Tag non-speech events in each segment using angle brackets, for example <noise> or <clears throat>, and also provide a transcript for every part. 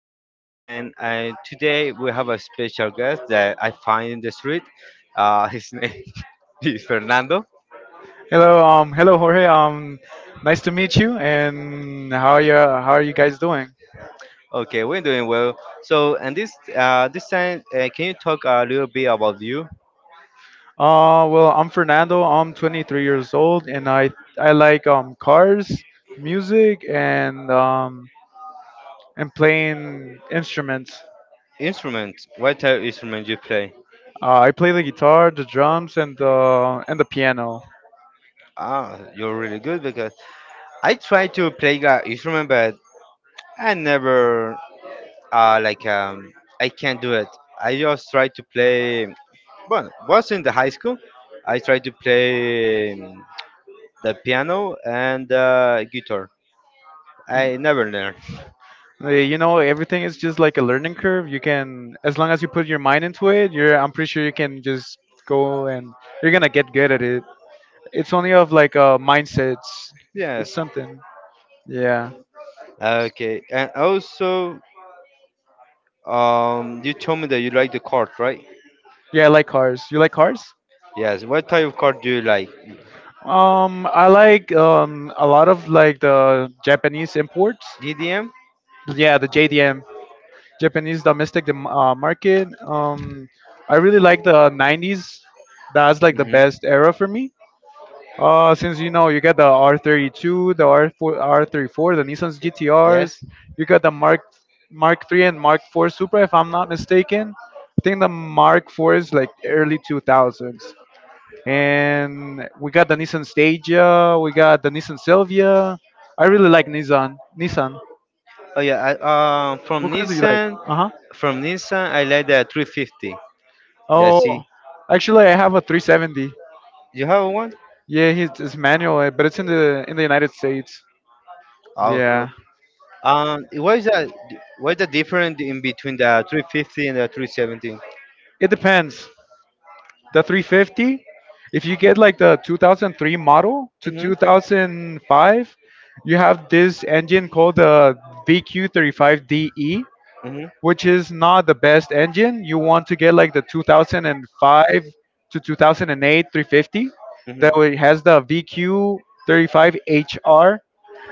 is Jorge, and today we have a special guest that I find in the street. His <laughs> name is Fernando. Hello, hello Jorge. Nice to meet you. And how are you? How are you guys doing? Okay, we're doing well. So, and this time, can you talk a little bit about you? Well, I'm Fernando. I'm 23 years old, and I like cars, music, and playing instruments. Instruments. What type of instrument you play? I play the guitar, the drums, and the piano. Ah, you're really good because I try to play an instrument, but I never like I can't do it. I just try to play. But was in the high school. I tried to play the piano and guitar. I never learned. Everything is just like a learning curve. You can, as long as you put your mind into it, you're. I'm pretty sure you can just go and you're gonna get good at it. It's only of like mindsets. <laughs> It's Yes. something. Yeah. Okay. And also, you told me that you like the card, right? Yeah, I like cars. You like cars? Yes. What type of card do you like? I like a lot of like the Japanese imports. DDM. Yeah, the JDM, Japanese domestic market. I really like the '90s. That's like the Hmm. best era for me. Since you know, you got the R32, the R4, R34, the Nissan's GTRs. Yes. You got the Mark 3 and Mark 4 Supra, if I'm not mistaken. I think the Mark 4 is like early 2000s. And we got the Nissan Stadia. We got the Nissan Sylvia. I really like Nissan. Nissan. Oh yeah. Uh, from What cars do you like? Nissan, Uh huh. from Nissan, I like the 350. That's Oh, it. actually, I have a 370. You have one? Yeah, it's manual, but it's in the United States. Oh, cool. Yeah, What is that? What is the difference in between the 350 and the 370? it depends. The 350, if you get like the 2003 model to Mm-hmm. 2005, you have this engine called the VQ35DE, Mm-hmm. which is not the best engine. You want to get like the 2005 to 2008 350, Mm-hmm. that way has the VQ35HR,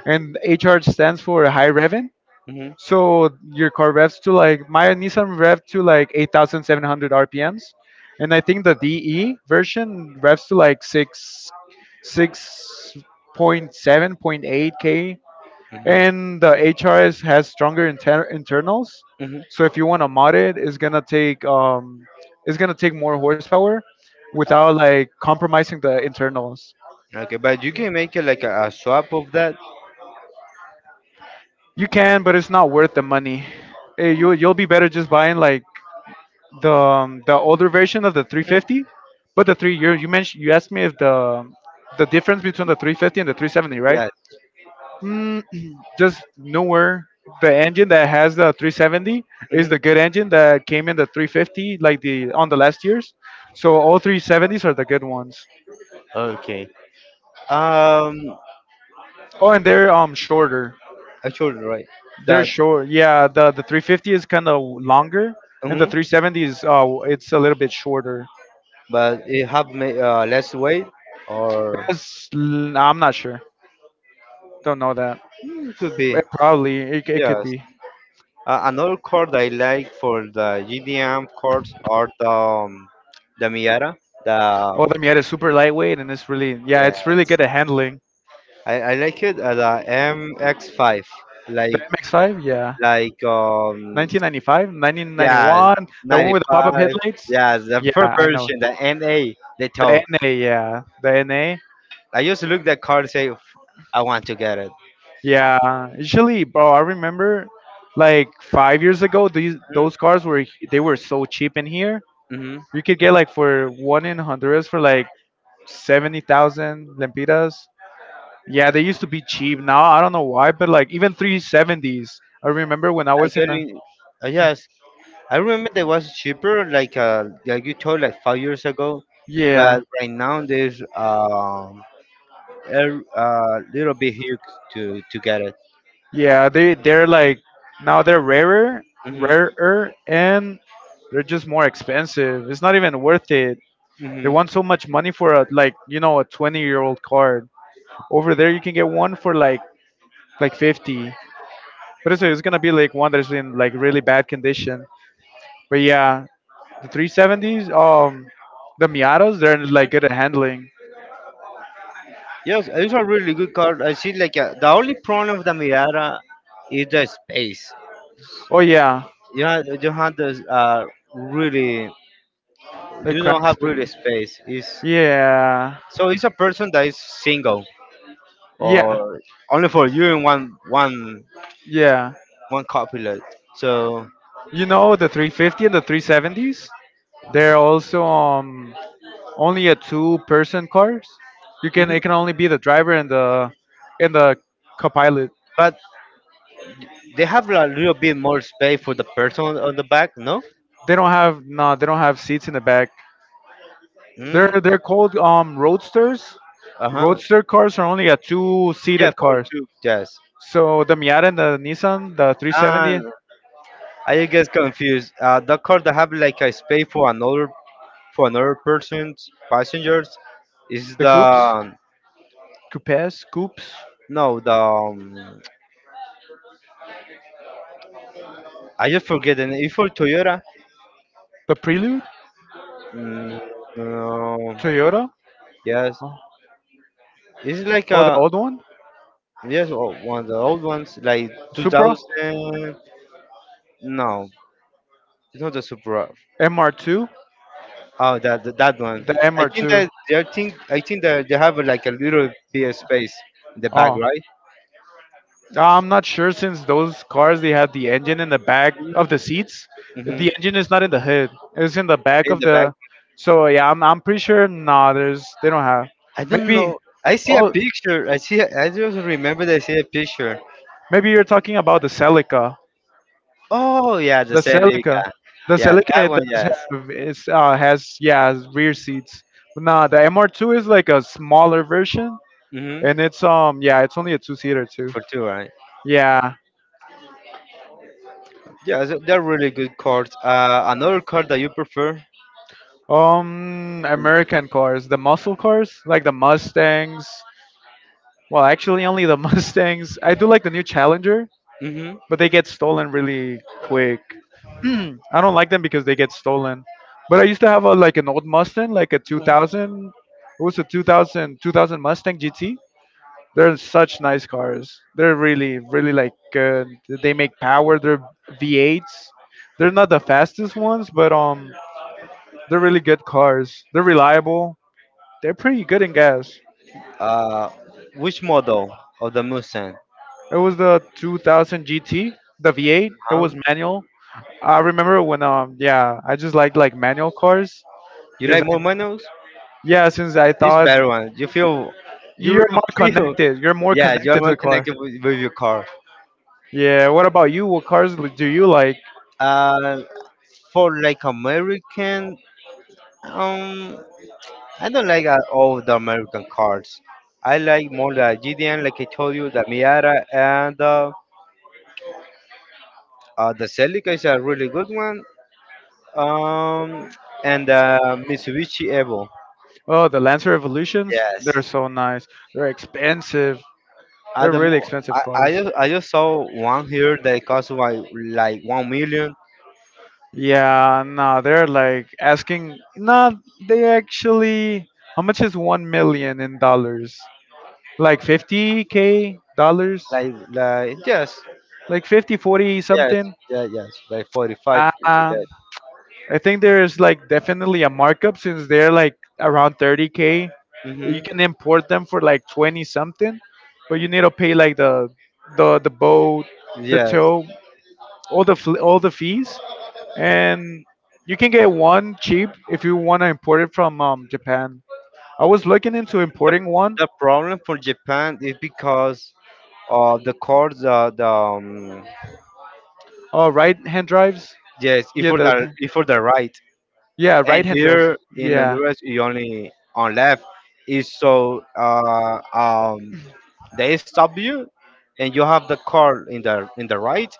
and hr stands for high rev. Mm-hmm. Mm-hmm. So your car revs to like my Nissan rev to like 8,700 RPMs, and I think the DE version revs to like six point seven point eight k, and the HRS has stronger internals. Mm-hmm. So if you want to mod it, it's gonna take more horsepower without like compromising the internals. Okay, but you can make it like a swap of that. You can, but it's not worth the money. You'll be better just buying like the older version of the Mhm. 350, but the three you mentioned, you asked me if the difference between the 350 and the 370, right? Yes. Mm, <clears throat> just nowhere. The engine that has the 370 is Hmm. the good engine that came in the 350, like the on the last years. So all 370s are the good ones. Okay. Um, Oh, and they're shorter. actually, right. They're That's. short. Yeah, the 350 is kind of longer, and the Mhm. 370 is it's a little bit shorter. But it have less weight, or. I'm not sure. Don't know that. Hmm, could be. Probably it could Yes. be. Another chord I like for the GDM chords are the Miata. The Oh, the Miata is super lightweight, and it's really yeah, yeah, it's really good at handling. I like it, the MX-5. The Like MX-5, yeah, like, 1995, yeah, 1991, the one with the pop-up 95. headlights. Yeah, the Yeah, first I know. version, the NA. They The told. NA, yeah, the NA, I used to look that card and say, " I want to get it." yeah. Usually, bro, I remember like 5 years ago, these those cars were so cheap in here. Mm-hmm. You could get like for one in Honduras for like 70,000 lempiras. Yeah, they used to be cheap. Now I don't know why, but like even 370s. I remember when I I was get in a, it. Yes, I remember they was cheaper, like you told, like 5 years ago. But yeah, right now there's a little bit huge to get it. yeah. They're like, now they're rarer, Hmm. rarer, and they're just more expensive. It's not even worth it. They Hmm. want so much money for a, like, a 20-year-old card. Over there, you can get one for like 50. But it's going to be like one that's in like really bad condition. But yeah, the 370s, the Miatas, they're like good at handling. Yes, it's a really good card. I see, like the only problem of the Mirada is the space. Oh yeah. You have this really, The you don't crack have really space. space. Is Yeah. so it's a person that is single Yeah. or only for you and one one Yeah. one copilot. So. You know the 350 and the 370s? They're also only a two-person cars. You can Mhm. It can only be the driver and the co-pilot. But they have a little bit more space for the person on the back, no? They don't have, no, they don't have seats in the back. They're Mm, they're called roadsters. uh-huh. Roadster cars are only a two Yeah, seated for cars. two, yes. So the Miata and the Nissan, the 370, And I get confused. The car that have like a space for another person's passengers is the coupes, the coupes, coupes, no, the I just forget the name. It's for Toyota. the Prelude. Mm, no, Toyota. yes, Oh. it's like Oh, the a old one. yes, one of the old ones like Supra, 2000. No, it's not the Supra. MR2, Oh, that one. the MR2. I think that they have like a little bit of space in the back, Oh, right? I'm not sure since those cars they have the engine in the back of the seats. Hmm. The engine is not in the hood; it's in the back In of the back. the. So yeah, I'm pretty sure. Nah, there's they don't have. I don't Maybe. know. I see a Oh, picture. I see. I just remember that I see a picture. maybe you're talking about the Celica. Oh yeah, the The Celica, Celica. the Yeah, Celica that it one. does Yes. have it's, has yeah has rear seats. But nah, the MR2 is like a smaller version, Hmm. and it's yeah, it's only a two seater too. For two, right? Yeah. Yeah, so they're really good cards. Another card that you prefer? American cars, the muscle cars, like the Mustangs. Well, actually, only the <laughs> Mustangs. I do like the new Challenger, Hmm. but they get stolen really quick. <clears throat> I don't like them because they get stolen. But I used to have a like an old Mustang, like a 2000. It was a 2000 Mustang GT. They're such nice cars. They're really, really like good. They make power. They're V8s. They're not the fastest ones, but they're really good cars. They're reliable. They're pretty good in gas. Uh, which model of the Mustang? It was the 2000 GT, the V8. It Huh? was manual. I remember when yeah, I just like manual cars You because like I more manuals? yeah, since I It's thought better one. You feel, you you're more really <laughs> feel. connected. You're more Yeah, you are connected to more the car. connected with your car. Yeah, what about you? What cars do you like? Uh, for like American, um, I don't like all the American cars. I like more the GDN, like I told you, the Miata and the Celica is a really good one. Um, and Mitsubishi Evo. Oh, the Lancer Evolutions. They're Yes. so nice. They're expensive. They're At the, mo-. really expensive I, I cars. just I just saw one here that cost like 1 million. Yeah, no, they're like asking. No, they actually. How much is 1 million in dollars? Like 50K dollars? Like, yes, Like 50, 40 yes, something? yeah, yes, like 45. Like that. I think there's like definitely a markup since they're like around 30K. You Hmm. can import them for like 20 something, but you need to pay like the boat, the Yes, tow. All the fees, and you can get one cheap if you want to import it from Japan. I was looking into importing one, the problem for Japan is because of the court. The right hand drives. Yes, if Yeah, for the the if for the right, yeah, and right hand drives. here in Yeah. Honduras, you only on left is so they stop you, and you have the car in the right,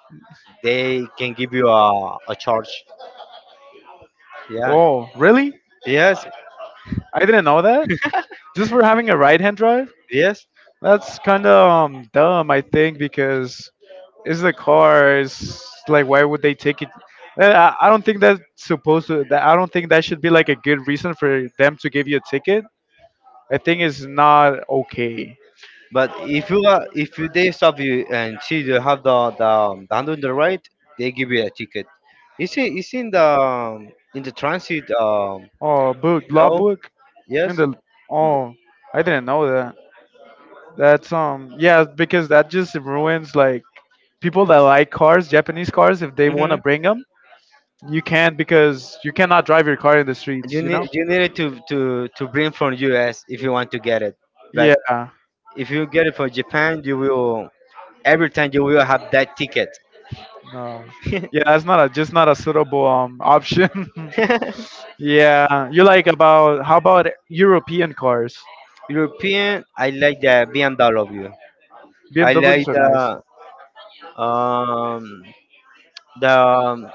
they can give you a charge. Yeah. Oh, really? Yes. I didn't know that. Just for having a right hand drive? Yes. That's kind of dumb, I think, because it's the car. It's like, why would they take it? Uh, I don't think that's supposed to. That I don't think that should be like a good reason for them to give you a ticket. I think it's not okay. But if you they stop you and see you have the hand on the right, they give you a ticket. It's in the transit Oh, book, law law. book. In Yes. the Oh, I didn't know that. That's yeah because that just ruins like people that like cars, Japanese cars. If they want to Mm-hmm. bring them, you can't because you cannot drive your car in the You streets. You need know? you need it to bring from US if you want to get it. But Yeah. if you get it from Japan, you will every time you will have that ticket. No. Yeah, that's not a just not a suitable option. <laughs> <laughs> Yeah, you like about how about European cars? European, I like the BMW. I like BMWs are nice. Um the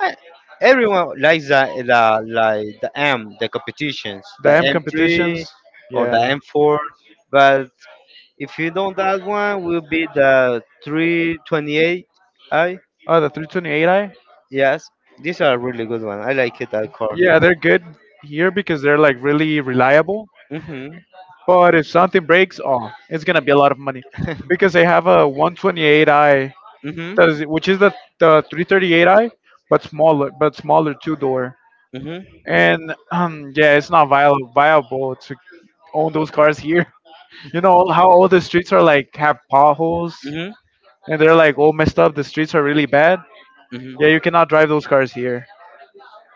I, everyone likes the like the competitions, the The M M3 competitions. or the Yeah. M4, but if you don't, that one will be the 328. I Oh, the 328i. Yes, these are really good one, I like it that car. Yeah, they're good here because they're like really reliable. Mhm. But if something breaks, oh, it's gonna be a lot of money because <laughs> they have a 128i Mhm. Which is the 338i, but smaller, two door. Mhm. And yeah, it's not viable to own those cars here. <laughs> You know how all the streets are like have potholes, Mhm. and they're like all messed up. The streets are really bad. Mhm. Yeah, you cannot drive those cars here.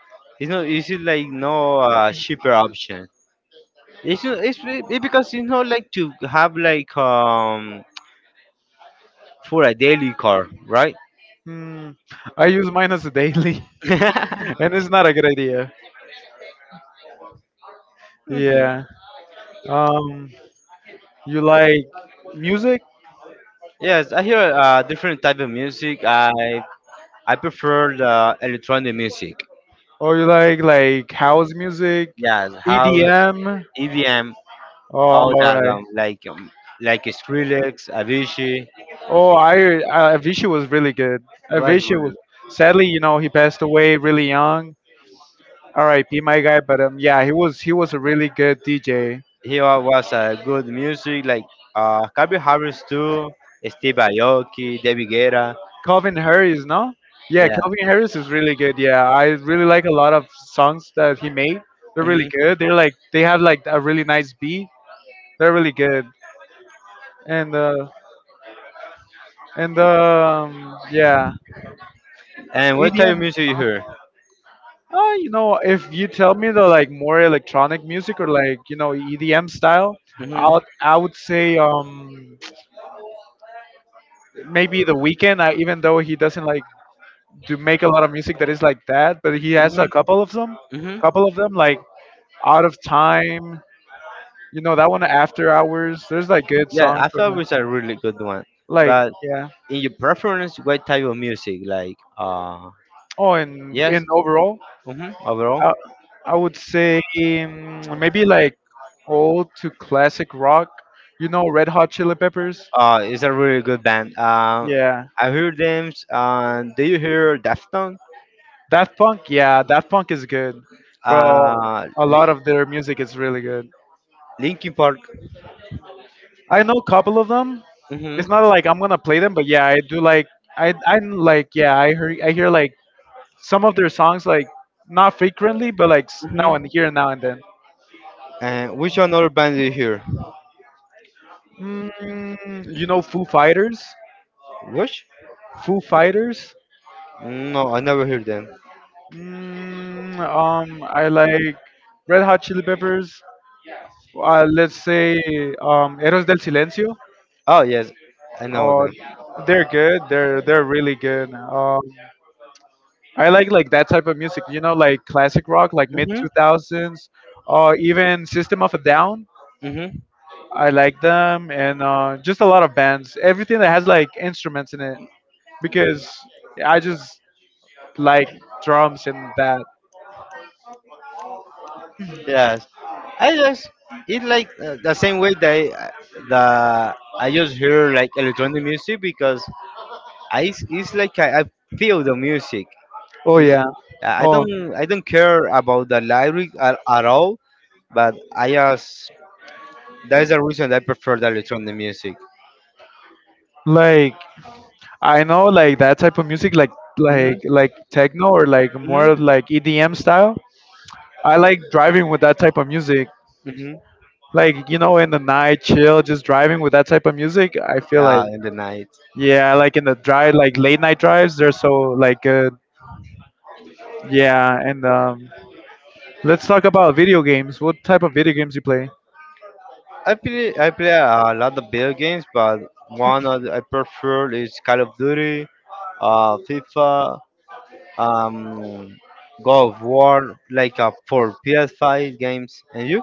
<laughs> It's not. It's like no, cheaper option. It's not, it's be- it because it's not like to have like for a daily car, right? Hmm. I use mine as a daily, <laughs> <laughs> and it's not a good idea. Mhm. Yeah. Um, you like music, Yes, I hear different type of music. I prefer the electronic music. or you like house music, Yes, house, EDM? EDM, all All that. right. Like Skrillex, Avicii. Oh, I Avicii was really good. Was Avicii really was good. Sadly, he passed away really young. All right, be my guy, but yeah, he was a really good DJ. He was good music like Calvin Harris too, Steve Aoki, David Guetta. Calvin Harris, no? Yeah, Yeah. Calvin Harris is really good. Yeah, I really like a lot of songs that he made. They're really Hmm. good. They're like they have like a really nice beat. They're really good. And uh and yeah, And what type EDM. of music you hear? If you tell me the like more electronic music or like EDM style, Hmm. I'll I Hmm. would say maybe The Weeknd. Even though he doesn't like do make a lot of music that is like that, but he has a couple of them, Hmm. couple of them like Out of Time. You know that one, After Hours. There's like good Yeah, songs I from thought it him. was a really good one. Like But yeah. in your preference, what type of music? Like, Oh, and yes, in overall, overall. I I would say maybe like old to classic rock. Red Hot Chili Peppers. It's a really good band. Yeah, I heard them. Do you hear Daftone? that Punk. Yeah, that Punk is good, bro. Uh, A Li- lot of their music is really good. Linkin Park. I know a couple of them. It's Hmm. not like I'm gonna play them, but yeah, I do like. I like. Yeah, I hear like some of their songs like not frequently, but like now Hmm. and here and now and then. And which another band do you hear? Foo Fighters. Which? Foo Fighters. No, I never heard them. I like Red Hot Chili Peppers. Let's say Eros del Silencio. Oh yes, I know Oh, them. they're good. They're really good. I like that type of music. You know, like classic rock, like mid two thousands, or even System of a Down. Hmm. I like them, and just a lot of bands. Everything that has like instruments in it, because I just like drums and that. Yes, I just it's like, the same way that I just hear like electronic music because I feel the music. Oh It's, yeah. I Oh, don't care about the lyric at all, but I just that is the reason I prefer the electronic music. like I know like that type of music, like like Hmm. like techno or like more Hmm. of, like EDM style. I like driving with that type of music. Hmm. Like, you know, in the night, chill, just driving with that type of music, I feel like, Yeah, in the night. yeah, like in the drive, like late night drives, they're so like good. Yeah, and let's talk about video games. What type of video games you play? I play a lot of video games, but one of I prefer is Call of Duty, FIFA. um, God of War, like for PS5 games. And you?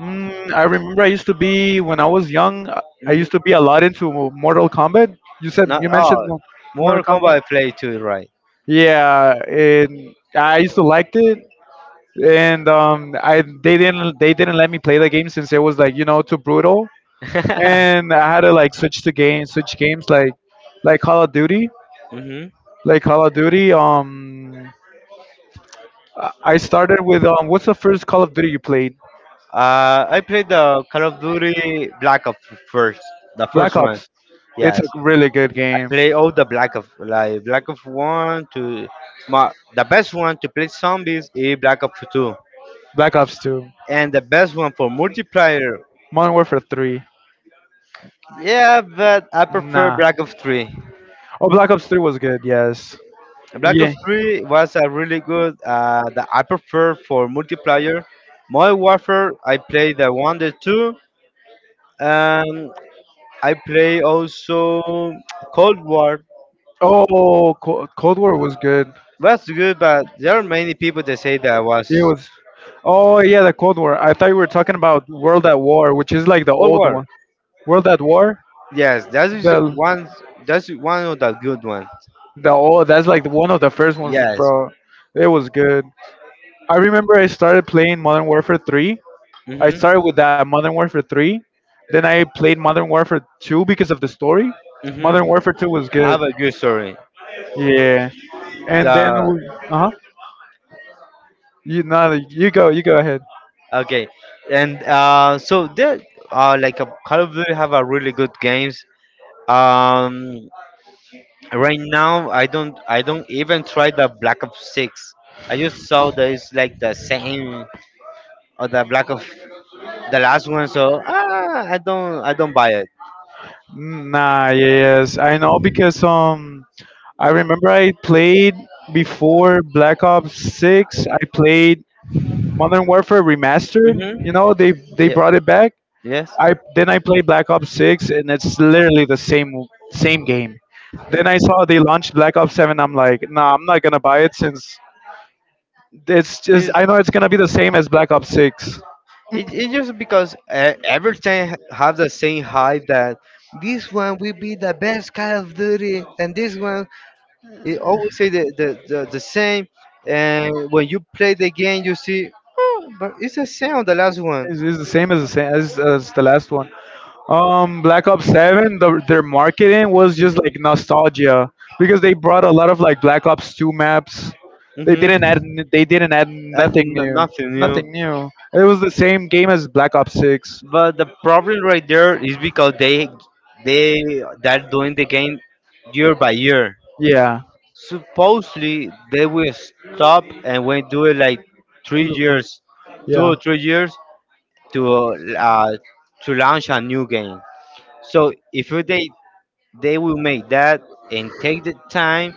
Mm, I remember I used to be when I was young. I Hmm. used to be a lot into Mortal Kombat. You said Not, you mentioned oh, Mortal Mortal Kombat. Kombat I play too, right? Yeah, and I used to liked it, and I they didn't let me play the game since it was like you know too brutal. <laughs> And I had to like switch games like Call of Duty, Hmm. like Call of Duty. Um, I started with what's the first Call of Duty you played? I played the Call of Duty Black Ops first, the Black first one. Ops. It's Yes, a really good I game. play all the Black of like Black of One to my the best one to play zombies is Black Ops 2, Black Ops 2, and the best one for multiplayer. Modern Warfare 3. Yeah, but I prefer Nah. Black Ops 3. Oh, Black Ops 3 was good. Yes. Black Yeah. Ops 3 was a really good, that I prefer for multiplayer. Modern Warfare, I play the one, the two, and I play also Cold War. Oh, Cold War was good. Was good, but there are many people that say that It was. was. Oh yeah, the Cold War. I thought you were talking about World at War, which is like the Cold old War. one. World at War. Yes, that is The one. That's one of the good ones. The oh, that's like one of the first ones, Yes. bro. It was good. I remember I started playing Modern Warfare 3. I Mhm. started with that Modern Warfare 3. Then I played Modern Warfare 2 because of the story. Mhm. Modern Warfare 2 was good. Have a good story. Yeah. And then The. uh huh. You no, You go ahead. Okay, and so there are like a Call of Duty have a really good games. Um, right now I don't even try the Black Ops 6. I just saw that it's like the same or the Black of the last one, so I don't buy it. Nah, yes, I know because I remember I played before Black Ops Six. I played Modern Warfare Remastered. You Mhm. know, they Yeah. brought it back. Yes. I then I played Black Ops 6, and it's literally the same game. Then I saw they launched Black Ops 7. I'm like, nah, I'm not gonna buy it since it's just It's- I know it's gonna be the same as Black Ops 6. it's just because every time have the same hype that this one will be the best Call of Duty, and this one it always say the same. And when you play the game, you see, oh, but it's the same on the last one. It's the same as the last one. Black Ops 7, their marketing was just like Mm-hmm. nostalgia because they brought a lot of like Black Ops 2 maps. They didn't add Mm-hmm. n- they didn't add That nothing new, nothing new. nothing new. It was the same game as Black Ops 6. But the problem right there is because they they're doing the game year by year. Yeah, Supposedly they will stop and we do it like two three to three. years, two Yeah. or three years to uh, to launch a new game. So if you- they will make that and take the time,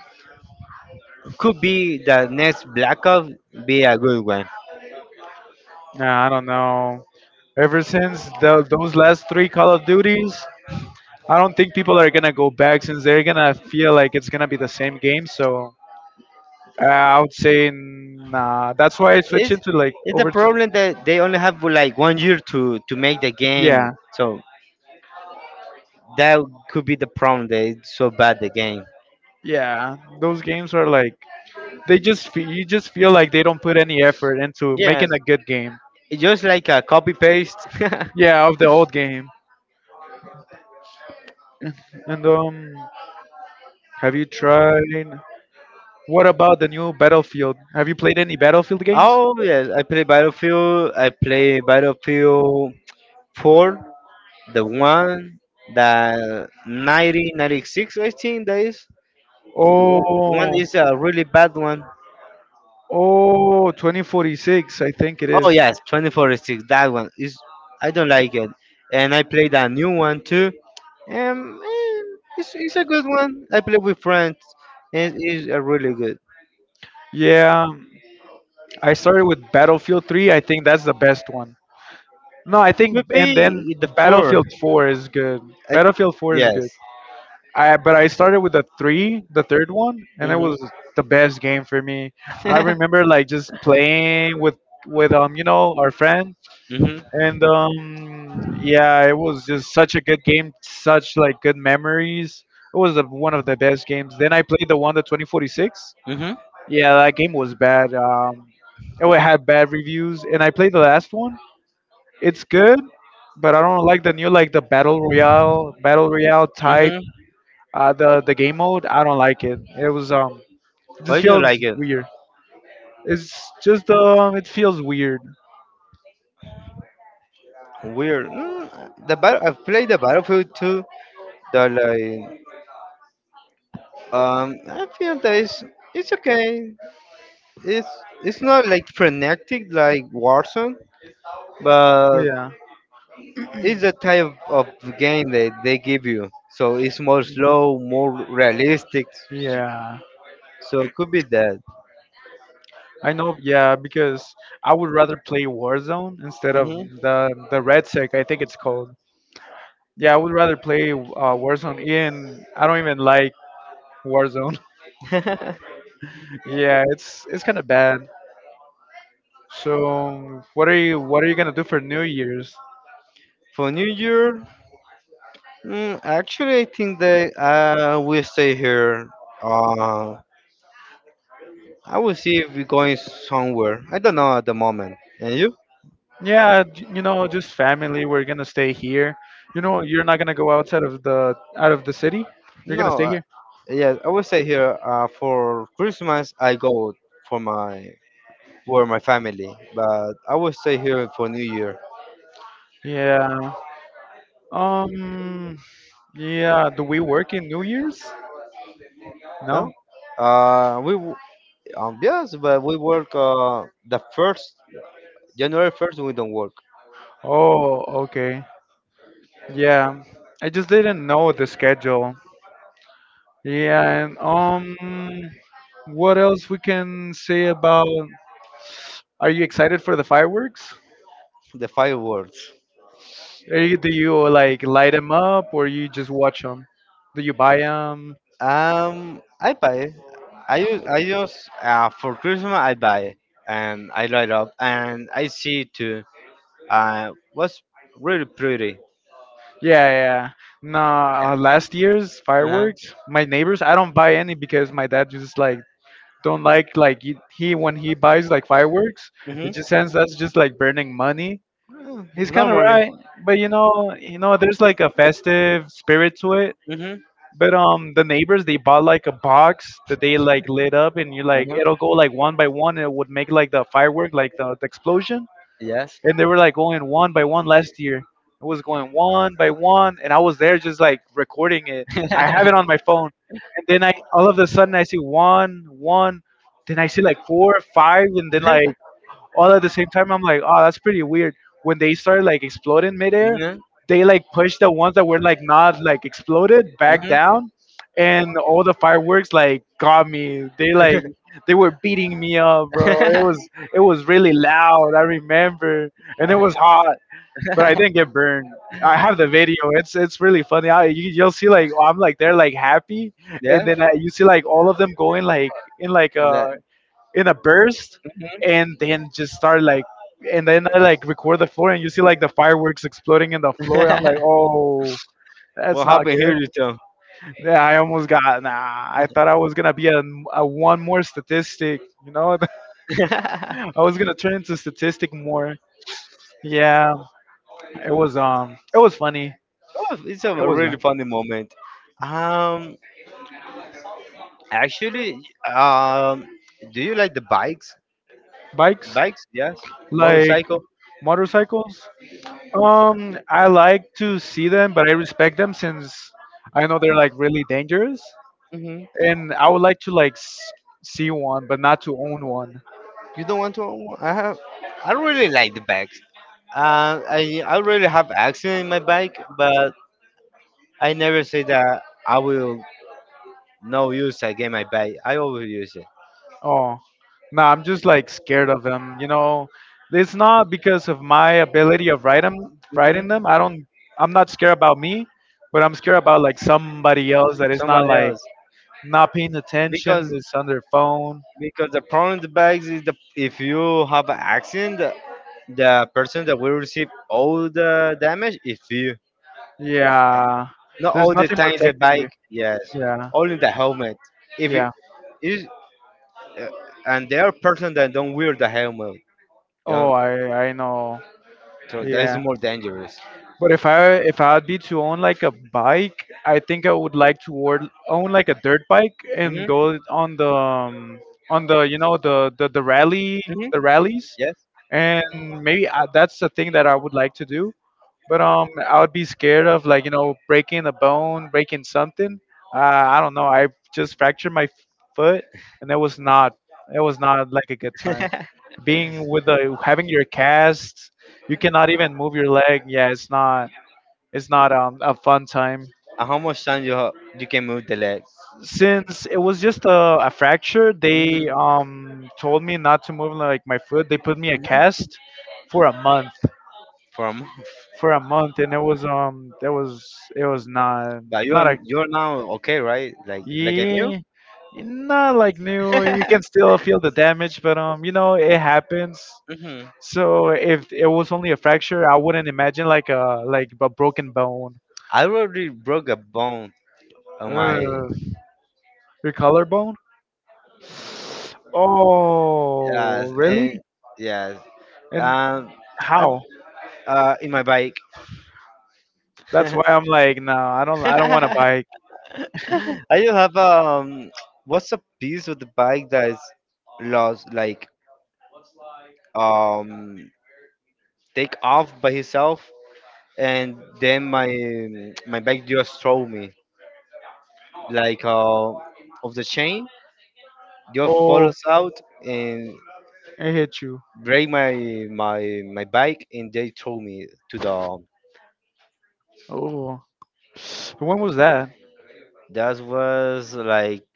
could be the next Black Ops be a good one. Nah, I don't know. Ever since those last three Call of Duties, I don't think people are gonna go back since they're gonna feel like it's gonna be the same game. So I would say nah. That's why I switch It's into like it's a over. To, problem that they only have like 1 year to make the game. yeah, So that could be the problem. That it's so bad the game. yeah. Those games are like you just feel like they don't put any effort into Yes, making a good game. it's just like a copy paste. <laughs> Yeah, of the old game. And have you tried? What about the new Battlefield? Have you played any Battlefield games? Oh yes, I play Battlefield. I play Battlefield 4, the one that 1996, I think that is. One Oh. is a really bad one. Oh, 2046, I think it Oh is. yes, 2046. That one is. I don't like it, and I played a new one too. Um, eh, it's a good one. I play with friends, and it's a really good. Yeah, I started with Battlefield 3. I think that's the best one. No, I think, Could and then be the four. Battlefield 4 is good. I, Battlefield 4 is yes. good. I but I started with the three, the third one, and it Mhm. was the best game for me. I Mhm. remember like just playing with our friend. Mhm. And yeah, it was just such a good game, such like good memories. It was the one of the best games. Then I played the one, the 2046. Mhm. Yeah, that game was bad. Oh, it had <laughs> bad reviews, and I played the last one. It's good, but I don't like the new, like the battle royale type. The game mode, I don't like it. It was um it Why just do you feels like it? weird. It feels weird. Weird. I've played the Battlefield 2. The like I feel that it's okay. It's it's not like frenetic like Warzone, but Yeah, it's the type of game that they give you. So it's more slow, more realistic. yeah. So could be that. I know, yeah, because I would rather play Warzone instead of Hmm. the Red Sec. I think it's called. Yeah, I would rather play Warzone. Ian, I don't even like Warzone. <laughs> <laughs> Yeah, it's kind of bad. So, what are you gonna do for New Year's? For New Year, actually, I think that we stay here. Uh, I will see if we're going somewhere. I don't know at the moment. And you? Yeah, you know, just family. We're gonna stay here. You know, you're not gonna go outside of the out of the city. You're gonna No. stay here. Yeah, I will say here for Christmas I go for my for my family, but I will stay here for New Year. Yeah. Um. Yeah. Do we work in New Year's? No. No. Uh, we w- yes, but we work the first January 1st. We don't work Oh, okay. Yeah, I just didn't know the schedule. Yeah, and what else we can say about? Are you excited for the fireworks? the fireworks. Do you like light them up or you just watch them? Do you buy them? I buy. I use for Christmas. I buy and I light up and I see too. Was really pretty. Yeah, yeah. No, last year's Uh-huh. fireworks, my neighbors, I don't buy any because my dad just like don't like, when he buys like fireworks, it Hmm. just ends. That's just like burning money. He's kind of Normally. right, but you know, there's like a festive spirit to it. Hmm. But the neighbors they bought like a box that they like lit up, and you like it'll go Uh-huh. like one by one, and it would make like the firework, like the explosion. Yes. And they were like going one by one last year. It was going one by one, and I was there just like recording it. I have it on my phone, and then I all of a sudden I see one, one, then I see like four, five, and then <laughs> like all at the same time. I'm like, oh, that's pretty weird. When they started like exploding midair, Mhm. they like pushed the ones that were like not like exploded back Mhm. down, and all the fireworks like got me. They like Mhm. <laughs> they were beating me up, bro. It was really loud. I remember, and it was hot, but I didn't get burned. I have the video. It's really funny. You'll see like I'm like they're like happy, Yeah. and then you see like all of them going like in That. A burst, Mhm. and then just start like, and then I like record the floor, and you see like the fireworks exploding in the floor. I'm like, <laughs> oh, that's What not happened good. here, you tell? Yeah, I almost got nah. I thought I was gonna be a one more statistic. You know, <laughs> <laughs> I was gonna turn into statistic more. Yeah, it was funny. Oh, it's a It was really funny moment. Um, Actually, um, do you like the bikes? bikes Bikes, yes. like Motorcycle. motorcycles. I like to see them, but I respect them since I know they're like really dangerous. Hmm. And I would like to like see one, but not to own one. You don't want to own one? I have. I don't really like the bikes. I really have accident in my bike, but I never say that I will no use again my bike. I always use it. Oh, no, I'm just like scared of them. You know, it's not because of my ability of writing Hmm. them. I don't. I'm not scared about me, but I'm scared about like somebody else that is not Somebody like else, not paying attention. because Is on their phone. because the problem with the bikes is the if you have an accident, the person that will receive all the damage is you. Yeah, Not there's all the nothing time the protecting you. bike, yes, Yeah, only the helmet. If it yeah. is, uh, and there are person that don't wear the helmet, Oh, don't. I know. So that is Yeah. more dangerous. But if I would be to own like a bike, I think I would like to own like a dirt bike and Hmm. go on the the rally Hmm. the rallies, Yes. and maybe that's the thing that I would like to do. But I would be scared of like you know breaking a bone, breaking something. I don't know. I just fractured my foot, and it was not like a good <laughs> time. And Being with the Having your cast, you cannot even move your leg. Yeah, It's not a fun time. how much time you ha- you can move the leg? Since it was just a fracture, Hmm. they told me not to move like my foot. They put me a Hmm. cast for a month. From For a month, and it was <laughs> not. but Not a you are now okay, right? Like I knew. Yeah, not like new. You can <laughs> still feel the damage, but you know it happens. Hmm. So if it was only a fracture, I wouldn't imagine like a broken bone. I already broke a bone on my Ugh. Your collarbone? Oh, yes and really? yes. And Um, I how? In my bike. That's why I'm <laughs> I like, no, I don't want a bike. do have what's a piece of the bike that is lost, like um, take off by itself, and then my bike just throw me like of the chain, just Oh, follows out and I hit you. break my my bike, and they throw me to the. Oh, when was that? That was like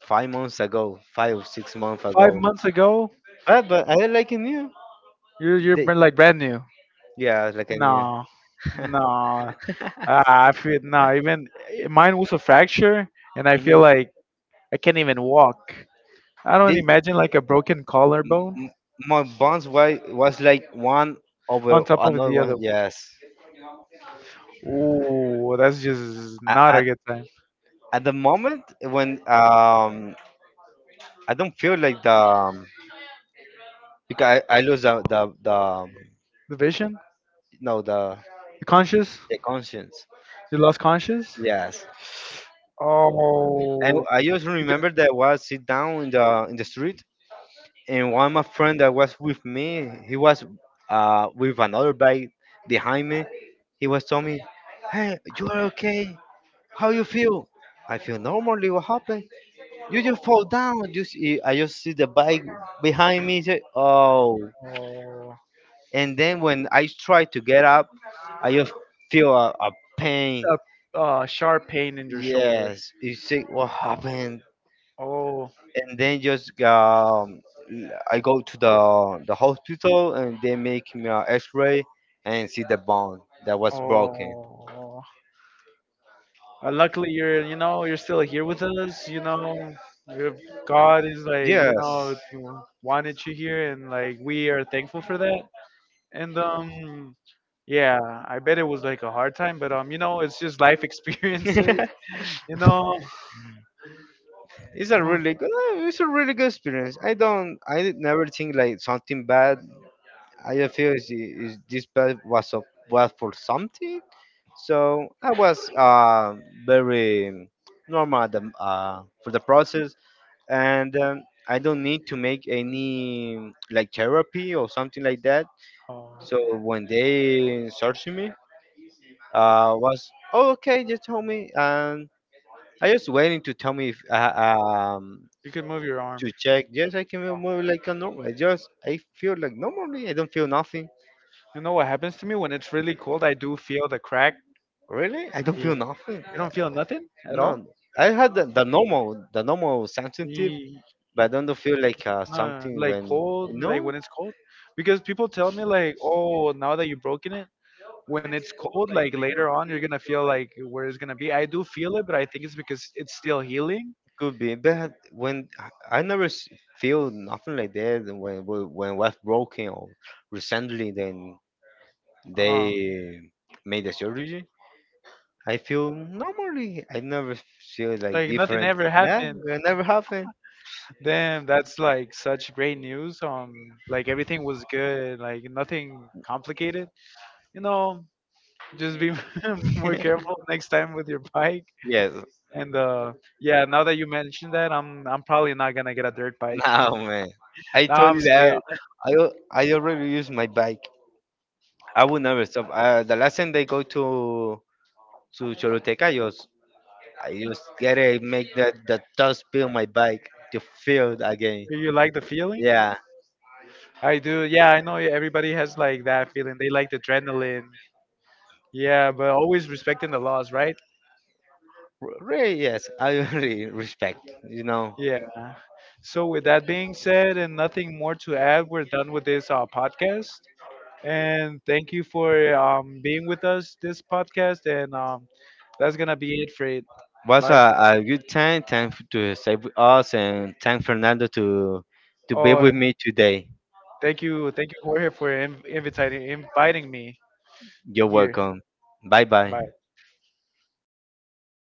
5 months ago, 5 or 6 months Five ago. months ago? But I like in you. You're They, like brand new. yeah, I like in you. No, <laughs> no. Ah, I feel no. Even mine was a fracture, and I feel Mhm. like I can't even walk. I don't They, imagine like a broken m- collarbone m- my bonds was like one on over top of another the other. one. Yes. Oh, that's just A- not a At good sign. at the moment when I don't feel like the because I lose the The vision? no, the The conscious? the conscience. You lost conscious? Yes. And Oh, I just remember that was sit down in the street and one of my friend that was with me, he was with another bike behind me. He was telling me, "Hey, you are okay? How you feel?" I feel normally. What happened? You just fall down. You see, I just see the bike behind me. Say, oh, oh, and then when I try to get up, I just feel a a, pain. a sharp pain in your shoulder. Yes, you see what happened? Oh, And then just l- I go to the hospital and they make me an X-ray and see the bone that was broken. oh. Luckily, you're you know you're still here with us. You know, your God is like you Yes, know wanted you here, and like we are thankful for that. And yeah, I bet it was like a hard time, but you know, it's just life <laughs> <laughs> it's experiences. You know, a um, really good, it's a really good experience. I did never think like something bad. I just feel is this bad was of was for something. So I was very normal at the, for the process and I don't need to make any like therapy or something like that. oh, So when they searching me, was oh okay, just tell me. I just waiting to tell me if um you can move your arm. to check. Yes, I can move like a normal. I feel like normally I don't feel nothing. You know what happens to me when it's really cold? I do feel the crack. Really, I don't feel nothing. You don't feel nothing at all? No, I had the normal sensitive, Eh, but I don't feel like something like when cold, no. like when it's cold, because people tell me like, oh, now that you've broken it, when it's cold, like later on, you're gonna feel like where it's gonna be. I do feel it, but I think it's because it's still healing. Could be, but when I never s- feel nothing like that when when was broken or recently, then they Uh, made the surgery. I feel normally. I never feel like, it like nothing different. ever Nah, happened. it never happened. Damn, that's like such great news. Like everything was good, like nothing complicated. You know, just be <laughs> more careful next <laughs> time with your bike. Yes. And yeah, now that you mentioned that, I'm probably not gonna get a dirt bike. No man. I <laughs> Now told I'm you that scared. I already use my bike. I will never stop. The last time they go to Choluteca, I just get it, make the dust build my bike to feel it again. Do you like the feeling? Yeah, I do. Yeah, I know everybody has like that feeling. They like the adrenaline. Yeah, but always respecting the laws, right? Really, yes, I <laughs> really respect, you know. Yeah. So, with that being said, and nothing more to add, we're done with this podcast. And thank you for being with us this podcast. And that's gonna be it for it. Was Bye. A good time. Thank to stay with us and thank Fernando to be Oh, with me today. Thank you, Jorge, for inviting me You're here. welcome. Bye bye. Bye.